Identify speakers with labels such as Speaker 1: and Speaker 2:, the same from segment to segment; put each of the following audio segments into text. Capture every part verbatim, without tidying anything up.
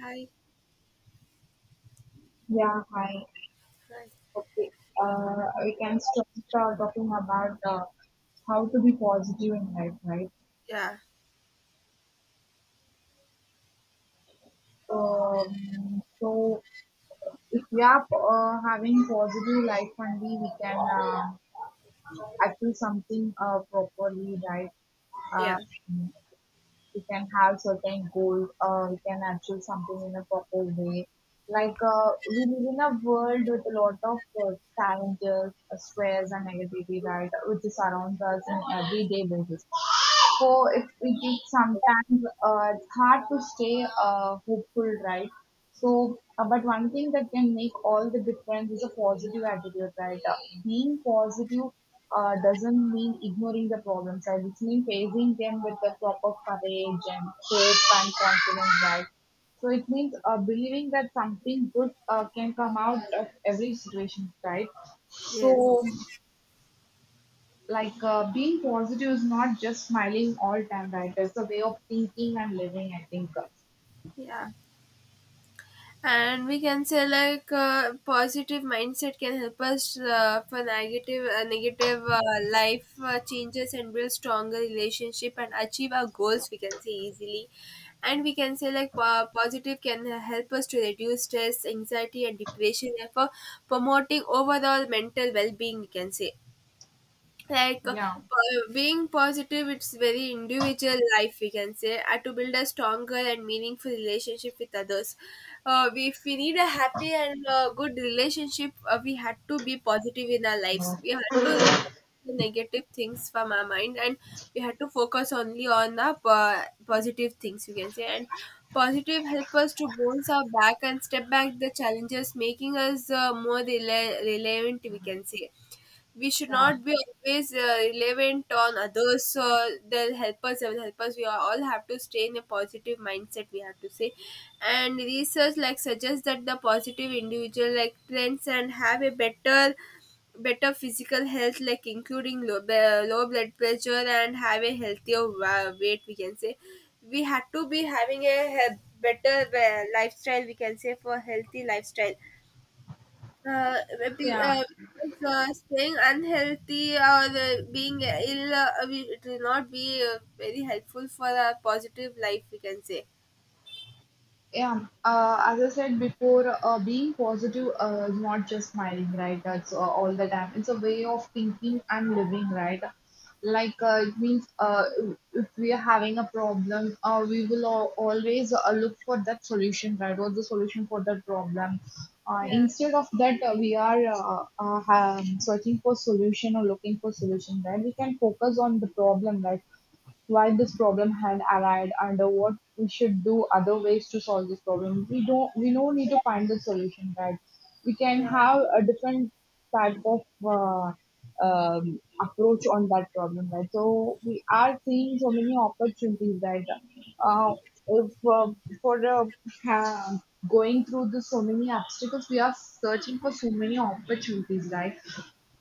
Speaker 1: I.
Speaker 2: Yeah, hi.
Speaker 1: Right.
Speaker 2: Okay. Uh, we can start uh, talking about uh, how to be positive in life, right?
Speaker 1: Yeah,
Speaker 2: Um, so, if we are uh, having positive life only, we can uh, achieve something uh, properly, right? Uh,
Speaker 1: yeah,
Speaker 2: we can have certain goals, or we can achieve something in a proper way. Like uh, we live in a world with a lot of uh, challenges, uh, stress, and negativity, right, which surrounds us in everyday basis. So if we think, sometimes uh, it's hard to stay uh, hopeful, right? So, uh, but one thing that can make all the difference is a positive attitude, right? Uh, being positive uh, doesn't mean ignoring the problems, right? It means facing them with the proper courage and hope and confidence, right? So it means uh, believing that something good uh, can come out of every situation, right?
Speaker 1: yes,
Speaker 2: So, like uh, being positive is not just smiling all time, right? It's a way of thinking and living, I think.
Speaker 1: yeah. And we can say like uh, positive mindset can help us uh, for negative uh, negative uh, life uh, changes and build stronger relationship and achieve our goals. We can say easily. And we can say like po- positive can help us to reduce stress, anxiety, and depression, therefore promoting overall mental well being. We can say like uh,
Speaker 2: Yeah,
Speaker 1: po- being positive it's very individual life we can say uh, to build a stronger and meaningful relationship with others. Uh, we, if we need a happy and uh, good relationship, uh, we had to be positive in our lives. We had to remove the negative things from our mind, and we had to focus only on the po- positive things we can say. And positive help us to bounce our back and step back the challenges, making us uh, more rela- relevant we can say. We should
Speaker 2: yeah,
Speaker 1: not be always uh, relevant on others, so they'll help us they will help us. We all have to stay in a positive mindset, we have to say. And research like suggests that the positive individual like trends and have a better better physical health, like including low, b- low blood pressure, and have a healthier wa- weight we can say. We had to be having a he- better uh, lifestyle we can say, for healthy lifestyle. uh, be,
Speaker 2: yeah.
Speaker 1: uh, because, uh, staying unhealthy or uh, being ill, uh, we- it will not be uh, very helpful for a positive life we can say.
Speaker 2: Yeah, uh, as I said before, uh, being positive uh, is not just smiling, right? That's uh, all the time. It's a way of thinking and living, right? Like uh, it means uh, if we are having a problem, uh, we will al- always uh, look for that solution, right? What's the solution for that problem? Uh,
Speaker 1: Yeah,
Speaker 2: instead of that, uh, we are uh, uh, um, searching for solution or looking for solution, right? We can focus on the problem, right? Why this problem had arrived, and uh, what we should do, other ways to solve this problem? We don't we don't need to find the solution, right? We can
Speaker 1: yeah,
Speaker 2: have a different type of uh, um, approach on that problem, right? So we are seeing so many opportunities, right. uh, if, uh, for uh, ha- Going through the so many obstacles, we are searching for so many opportunities, right?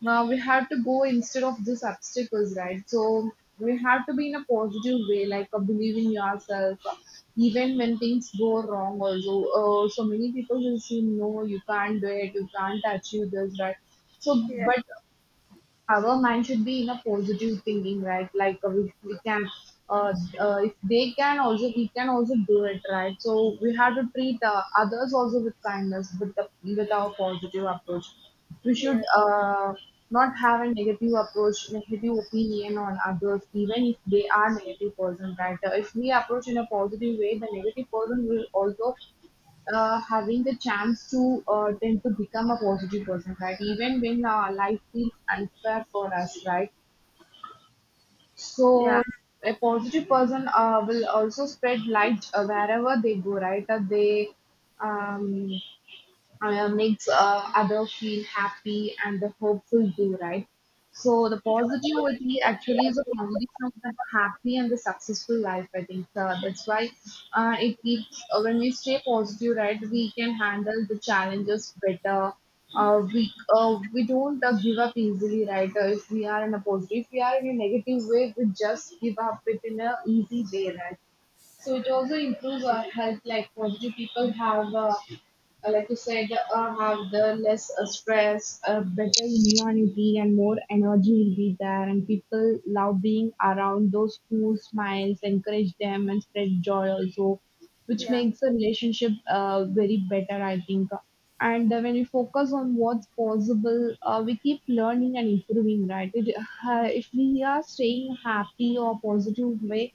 Speaker 2: Now we have to go instead of these obstacles, right? So we have to be in a positive way, like uh, believe in yourself, even when things go wrong. Also, uh, so many people will say, "No, you can't do it. You can't achieve this," right? So,
Speaker 1: yeah,
Speaker 2: but our mind should be in a positive thinking, right? Like uh, we, we can uh, uh, if they can, also we can also do it, right? So we have to treat uh, others also with kindness, with the, with our positive approach. We should
Speaker 1: yeah,
Speaker 2: uh, not have a negative approach, negative opinion on others, even if they are negative person, right? Uh, if we approach in a positive way, the negative person will also uh, having the chance to uh, tend to become a positive person, right? Even when uh, life feels unfair for us, right?
Speaker 1: yeah,
Speaker 2: So a positive person uh, will also spread light uh, wherever they go, right? Uh, they um, uh, makes uh, others feel happy and the hopeful too, right? So the positivity actually is a foundation of the happy and the successful life. I think uh, that's why uh, it keeps uh, when we stay positive, right? We can handle the challenges better. Uh, we uh, we don't uh, give up easily, right? Uh, if we are in a positive, if we are in a negative way, we just give up it in a easy way, right? So it also improves our health. Like positive people have, uh, uh, like you said, uh, have the less uh, stress, uh, better immunity, and more energy will be there. And people love being around those who smiles, encourage them, and spread joy also, which
Speaker 1: yeah,
Speaker 2: makes the relationship uh, very better, I think. And uh, when we focus on what's possible, uh, we keep learning and improving, right? It, uh, if we are staying happy or positive way,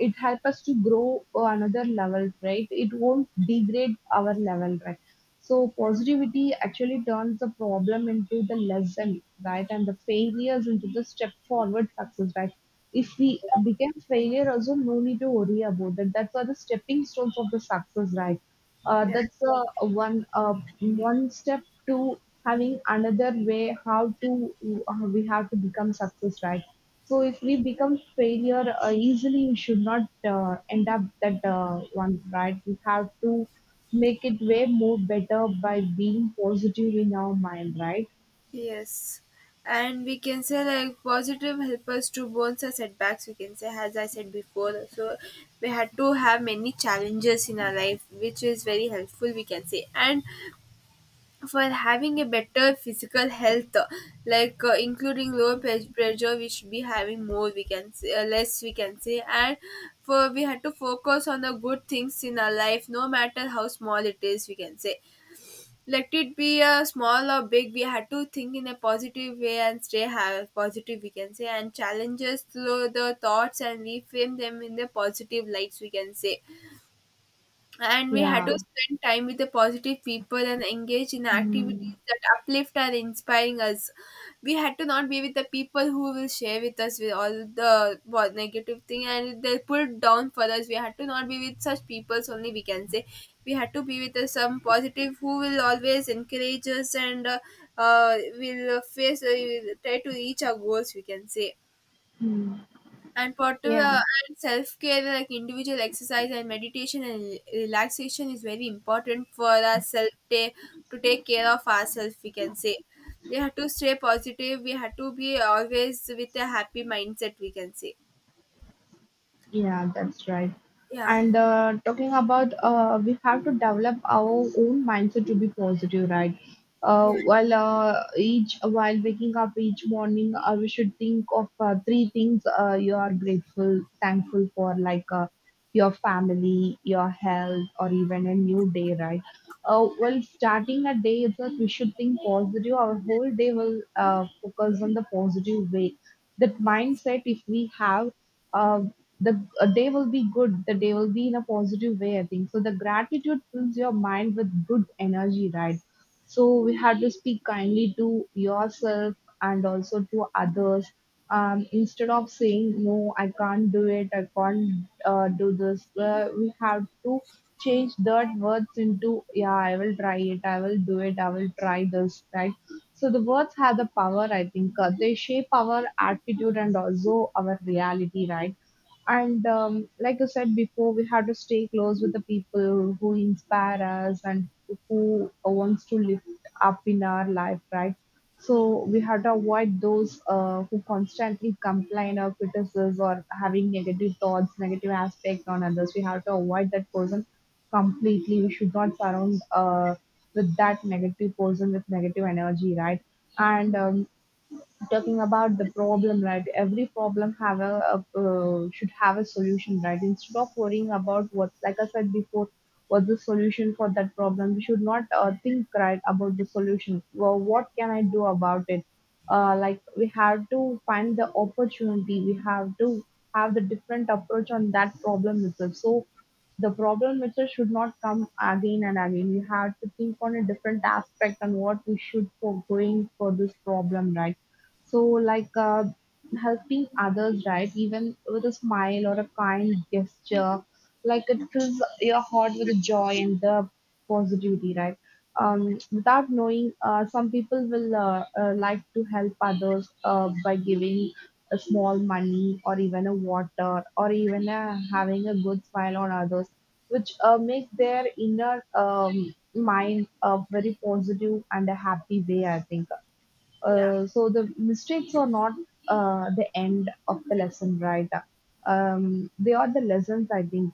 Speaker 2: it help us to grow another level, right? It won't degrade our level, right? So positivity actually turns the problem into the lesson, right? And the failures into the step forward success, right? If we become failure also, no need to worry about that. That's are the stepping stones of the success, right? Uh,
Speaker 1: yeah,
Speaker 2: that's uh, one uh, one step to having another way how to uh, we have to become success, right? So if we become failure uh, easily, we should not uh, end up that uh, one, right? We have to make it way more better by being positive in our mind, right?
Speaker 1: yes. And we can say like positive help us to bones our setbacks we can say, as I said before. So we had to have many challenges in our life, which is very helpful we can say. And for having a better physical health, like uh, including lower pe- pressure we should be having more we can say, uh, less we can say. And for, we had to focus on the good things in our life, no matter how small it is we can say. Let it be uh, small or big, we had to think in a positive way and stay ha- positive we can say, and challenges through the thoughts and reframe them in the positive lights we can say. And we had to
Speaker 2: Yeah.
Speaker 1: spend time with the positive people and engage in activities
Speaker 2: Mm,
Speaker 1: that uplift and inspiring us. We had to not be with the people who will share with us with all the what negative thing and they pull down for us. We had to not be with such peoples only we can say. We had to be with uh, some positive who will always encourage us, and uh, uh, will face, uh, will try to reach our goals we can say.
Speaker 2: mm,
Speaker 1: And
Speaker 2: yeah.
Speaker 1: particular. And self care, like individual exercise and meditation and re- relaxation is very important for us, self ta- to take care of ourselves we can say. We have to stay positive. We have to be always with a happy mindset we can say.
Speaker 2: Yeah, that's right.
Speaker 1: Yeah,
Speaker 2: And uh, talking about, uh, we have to develop our own mindset to be positive, right? Uh,
Speaker 1: yeah,
Speaker 2: while uh, each while waking up each morning, uh, we should think of uh, three things uh, you are grateful, thankful for, like uh, your family, your health, or even a new day, right? Uh, well, starting a day itself, we should think positive. Our whole day will uh, focus on the positive way. That
Speaker 1: yes,
Speaker 2: mindset, if we have. uh, the uh, day will be good, the day will be in a positive way, I think. So the gratitude fills your mind with good energy, right? So we had to speak kindly to yourself and also to others. Um, instead of saying no I can't do it, I can't uh, do this, uh, we have to change that words into, yeah, I will try it, I will do it, I will try this, right? So the words have the power, I think. Uh, they shape our attitude and also our reality, right? And um, like you said before, we have to stay close with the people who inspire us, and who wants to lift up in our life, right? So we have to avoid those uh, who constantly complain or criticize or having negative thoughts, negative aspect on others. We have to avoid that person completely. We should not surround uh, with that negative person with negative energy, right? And um, talking about the problem, right? Every problem have a a, uh, should have a solution, right? Instead of worrying about what, like I said before, what's the solution for that problem, we should not uh, think right about the solution. Well, what can I do about it? Uh, like, we have to find the opportunity, we have to have the different approach on that problem itself, so the problem itself should not come again and again. We have to think on a different aspect on what we should for going for this problem, right? So, like uh, helping others, right? Even with a smile or a kind gesture, like it fills your heart with the joy and the positivity, right? Um, without knowing, uh, some people will uh, uh, like to help others uh, by giving a small money or even a water or even uh, having a good smile on others, which uh, make their inner um, mind a very positive and a happy way, I think.
Speaker 1: yeah,
Speaker 2: Uh, so the mistakes are not uh, the end of the lesson, right? Um, they are the lessons, I think.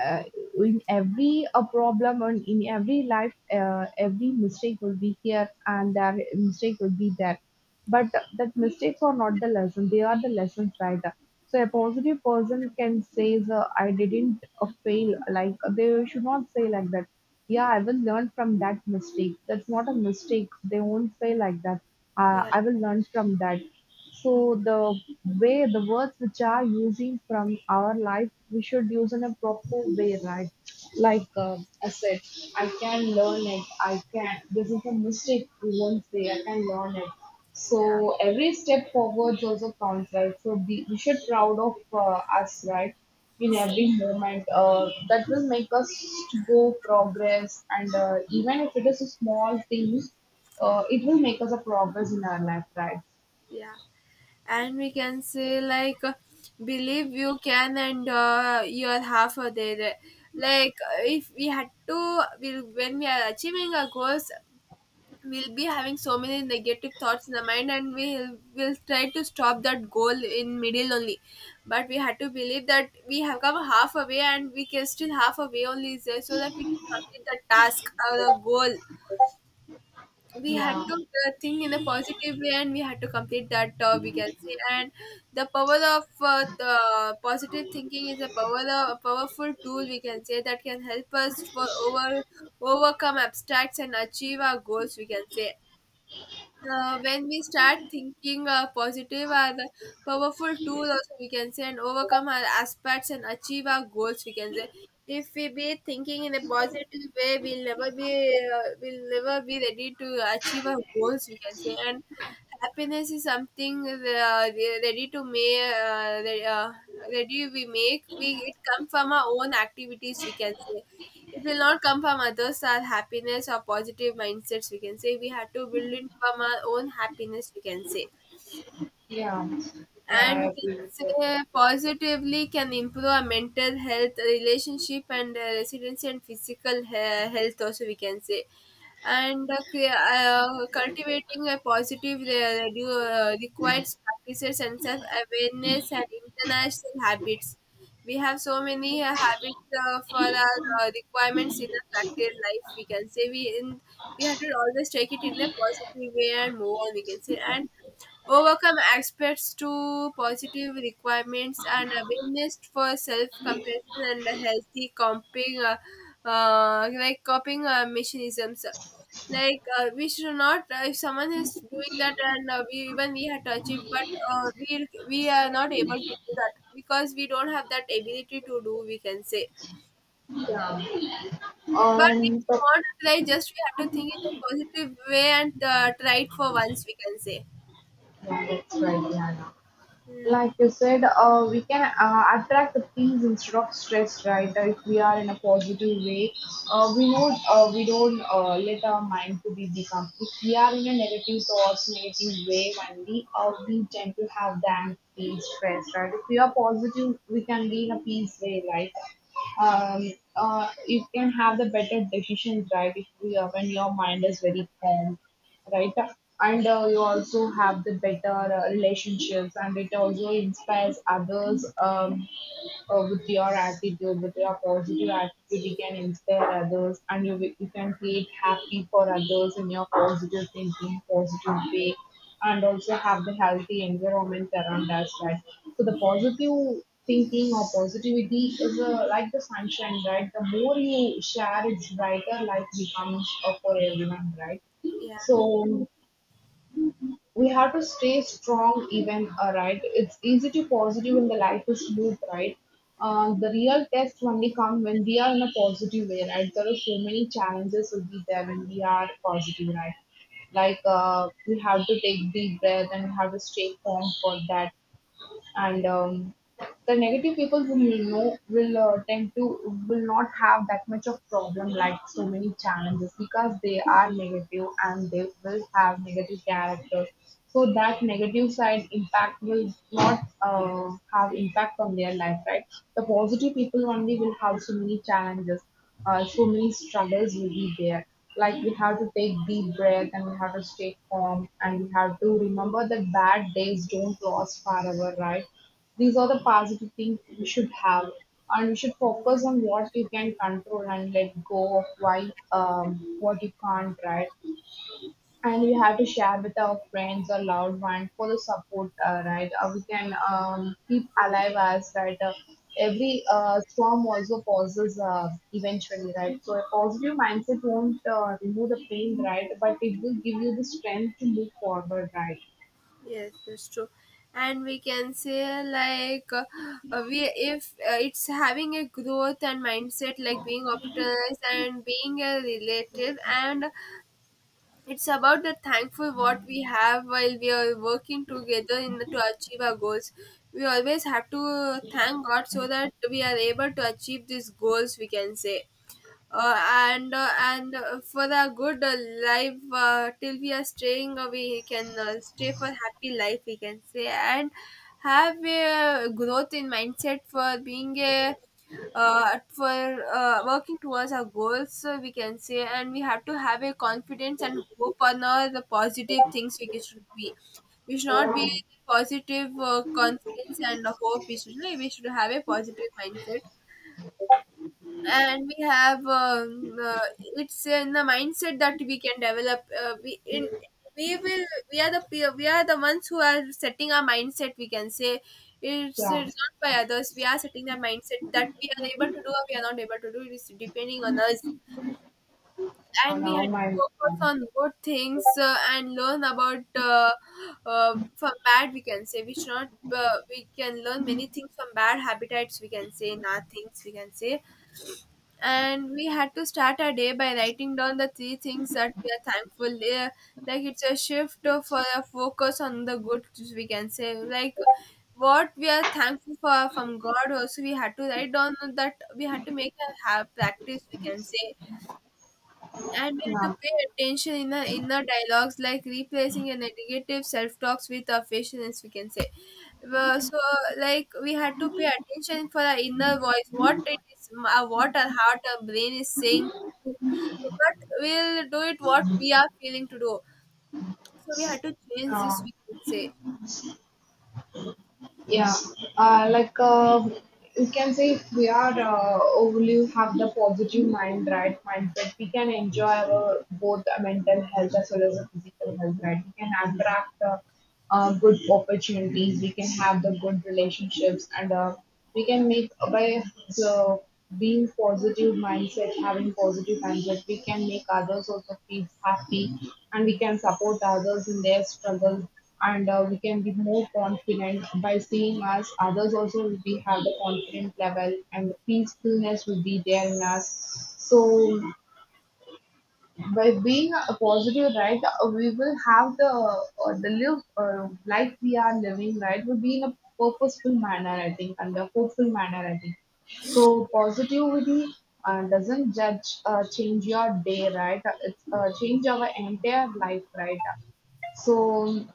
Speaker 2: Uh, in every a problem and in every life, uh, every mistake will be here and that mistake will be there. But that mistakes are not the lesson, they are the lessons, right? So a positive person can say, "The- I didn't uh, fail." Like they should not say like that. Yeah, I will learn from that mistake. That's not a mistake. They won't say like that. Uh,
Speaker 1: yeah,
Speaker 2: I will learn from that. So the way, the words which are using from our life, we should use in a proper way, right? Like uh, I said, I can learn it. I can. This is a mistake. We won't say I can learn it.
Speaker 1: yeah,
Speaker 2: So every step forwards also counts, right? So be, we should proud of uh, us, right? In every moment, uh, that will make us to go progress, and uh, even if it is a small thing, uh, it will make us a progress in our life, right?
Speaker 1: yeah. And we can say like uh, believe you can and uh, you're half of there. Like uh, if we had to, we, when we are achieving our goals, we'll be having so many negative thoughts in the mind, and we will will try to stop that goal in middle only. But we had to believe that we have come half away, and we can still half away only is there, so that we can complete the task or the goal. We had
Speaker 2: Yeah,
Speaker 1: to uh, think in a positive way, and we had to complete that, uh, we can say. And the power of uh, the positive thinking is a power, uh, a powerful tool we can say, that can help us for over overcome abstracts and achieve our goals we can say. Uh, when we start thinking uh, positive are the powerful tool also we can say, and overcome our aspects and achieve our goals we can say. If we be thinking in a positive way, we'll never be, uh, we'll never be ready to achieve our goals we can say. And happiness is something uh, re- ready to make uh, re- uh, ready we make we it come from our own activities we can say. It will not come from others, our happiness or positive mindsets, we can say. We have to build it from our own happiness, we can say.
Speaker 2: yeah. Yeah,
Speaker 1: And
Speaker 2: I
Speaker 1: we can
Speaker 2: agree with your point.
Speaker 1: say positively can improve our mental health, relationship, and uh, residency and physical he- health, also, we can say. And uh, cre- uh, cultivating a positive, uh, re- uh, requires practices and self-awareness and international habits. We have so many uh, habits uh, for our uh, requirements in our practical life. We can say, we in we have to always take it in a positive way and move on. We can say, and overcome aspects to positive requirements and awareness for self-compassion and healthy coping, uh, uh, like coping uh, mechanisms. Like uh, we should not. Uh, if someone is doing that, and uh, we even we had to achieve, but uh, we we are not able to do that because we don't have that ability to do, we can say.
Speaker 2: Yeah.
Speaker 1: But if
Speaker 2: On
Speaker 1: you
Speaker 2: top,
Speaker 1: want to try, just we have to think in a positive way and uh, try it for once, we can say.
Speaker 2: yeah, that's right, yeah.
Speaker 1: Yeah.
Speaker 2: Like you said, uh, we can uh, attract the things instead of stress, right? Uh, if we are in a positive way, uh, we know uh, we don't uh, let our mind to be become. If we are in a negative thoughts, negative way, only uh, we tend to have that peace, stress, right? If we are positive, we can be in a peace way, right? Um, uh, you can have the better decisions, right? If we are, when your mind is very calm, right? And uh, you also have the better uh, relationships, and it also inspires others um, uh, with your attitude, with your positive attitude. You can inspire others, and you will- you can create happy for others in your positive thinking, positive way, and also have the healthy environment around us, right? So the positive thinking or positivity is uh, like the sunshine, right? The more you share, it's brighter light becomes uh, for everyone, right?
Speaker 1: Yeah.
Speaker 2: So we have to stay strong even, uh, right? It's easy to positive when the life is smooth, right? Uh, the real test only come when we are in a positive way, right? There are so many challenges will be there when we are positive, right? Like uh, we have to take deep breath and have to stay calm for that, and um, the negative people who will know will uh, tend to will not have that much of problem like so many challenges because they are negative and they will have negative character. So that negative side impact will not uh, have impact on their life, right? The positive people only will have so many challenges, uh, so many struggles will be there like we have to take deep breath and we have to stay calm and we have to remember that bad days don't last forever, right? These are the positive things we should have, and we should focus on what you can control and let go of why um, what you can't, right? And we have to share with our friends or loved one for the support, uh, right? Uh, we can um, keep alive as right. Uh, every uh, storm also pauses uh, eventually, right? So a positive mindset won't uh, remove the pain, right? But it will give you the strength to move forward, right?
Speaker 1: Yes, that's true. And we can say like uh, uh, we if uh, it's having a growth and mindset, like being optimized and being a relative, and it's about the thankful what we have, while we are working together in the, to achieve our goals. We always have to thank God so that we are able to achieve these goals, we can say. Uh, and uh, and uh, for the good, uh, life uh, till we are staying, uh, we can uh, stay for happy life we can say. And have a growth in mindset for being a, uh, for uh, working towards our goals, uh, we can say. And we have to have a confidence and hope on all the positive things, we should be, we should not be positive, uh, confidence and hope, we should, we should have a positive mindset. And we have, um, uh, it's in the mindset that we can develop, uh, we in we will we are the pe- we are the ones who are setting our mindset we can say. it's,
Speaker 2: Yeah.
Speaker 1: it's not by others we are setting that mindset, that we are able to do or we are not able to do, it is depending on us.
Speaker 2: Uh,
Speaker 1: And we
Speaker 2: now
Speaker 1: had to
Speaker 2: my uh,
Speaker 1: focus on good things, uh, and learn about, uh, uh, from bad we can say. We should not, uh, we can learn many things from bad habitats we can say, not things we can say. And we had to start our day by writing down the three things that we are thankful. Uh, like it's a shift of- for a focus on the good we can say. Like what we are thankful for from God, also we had to write down that, we had to make a have practice we can say. And we had to
Speaker 2: yeah.
Speaker 1: pay attention in our inner dialogues, like replacing a negative self-talks with our patience we can say. Well, so like we had to pay attention for our inner voice what it is, m- uh, what our heart our brain is saying to do. But we'll do it what we are feeling to do, so we had to change this
Speaker 2: Uh,
Speaker 1: we can say.
Speaker 2: Yeah, uh, like uh, you can say if we are uh, overly have the positive mind, right mindset, we can enjoy our both uh, mental health as well as the physical health, right? We can attract uh, uh, good opportunities, we can have the good relationships, and uh, we can make by uh, being positive mindset having positive mindset we can make others also feel happy and we can support others in their struggle and uh, we can be more confident by seeing us others also will be have the confident level and the peacefulness will be there in us so by being a positive, right, we will have the uh, the live uh, life we are living, right, will be in a purposeful manner, I think, and a hopeful manner, I think. So positivity uh, doesn't judge, uh, change your day, right? It's uh, change our entire life, right? So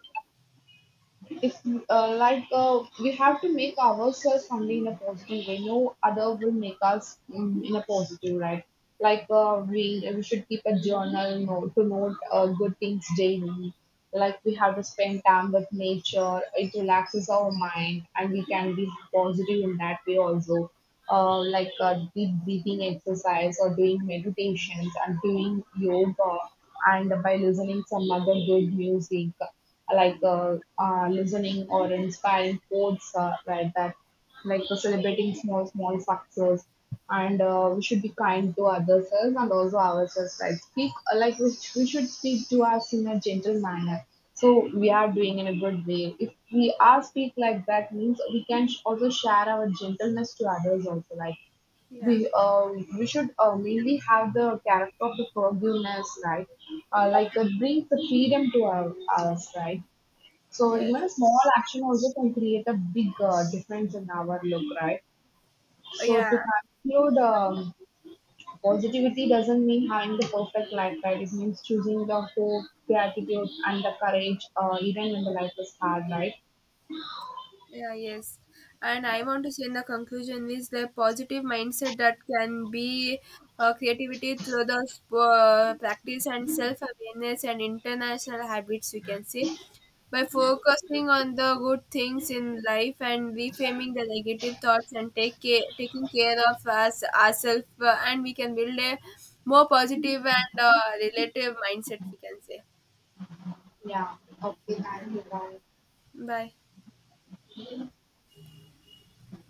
Speaker 2: if uh, like uh, we have to make ourselves only in a positive way, no other will make us mm, in a positive, right? Like uh, we we should keep a journal note to note uh, good things daily. Like we have to spend time with nature. It relaxes our mind, and we can be positive in that way also. Uh, like uh, deep breathing exercise or doing meditations and doing yoga and by listening some other good music like uh, uh, listening or inspiring quotes uh, like that, like uh, celebrating small small success, and uh, we should be kind to others and also ourselves. Like speak uh, like we, sh- we should speak to us in a gentle manner. So we are doing in a good way. If we are speak like that, means we can sh- also share our gentleness to others also. Like
Speaker 1: Yeah,
Speaker 2: we uh, we should uh, mainly have the character of the forgiveness, right? Uh, like that brings the freedom to our, us, right? So
Speaker 1: yes,
Speaker 2: even a small action also can create a big uh, difference in our look, right? So to
Speaker 1: yeah,
Speaker 2: conclude, um, positivity doesn't mean having the perfect life, right? It means choosing the hope, gratitude, and the courage, uh, even when the life is hard, right?
Speaker 1: yeah, yes. And I want to say, in the conclusion is the positive mindset that can be uh, creativity through the sp- uh, practice and self-awareness and international habits we can say. By focusing on the good things in life and reframing the negative thoughts and take care, taking care of us ourselves, uh, and we can build a more positive and uh, relative mindset, we can say.
Speaker 2: Yeah. Okay, thank you. Bye.
Speaker 1: Bye.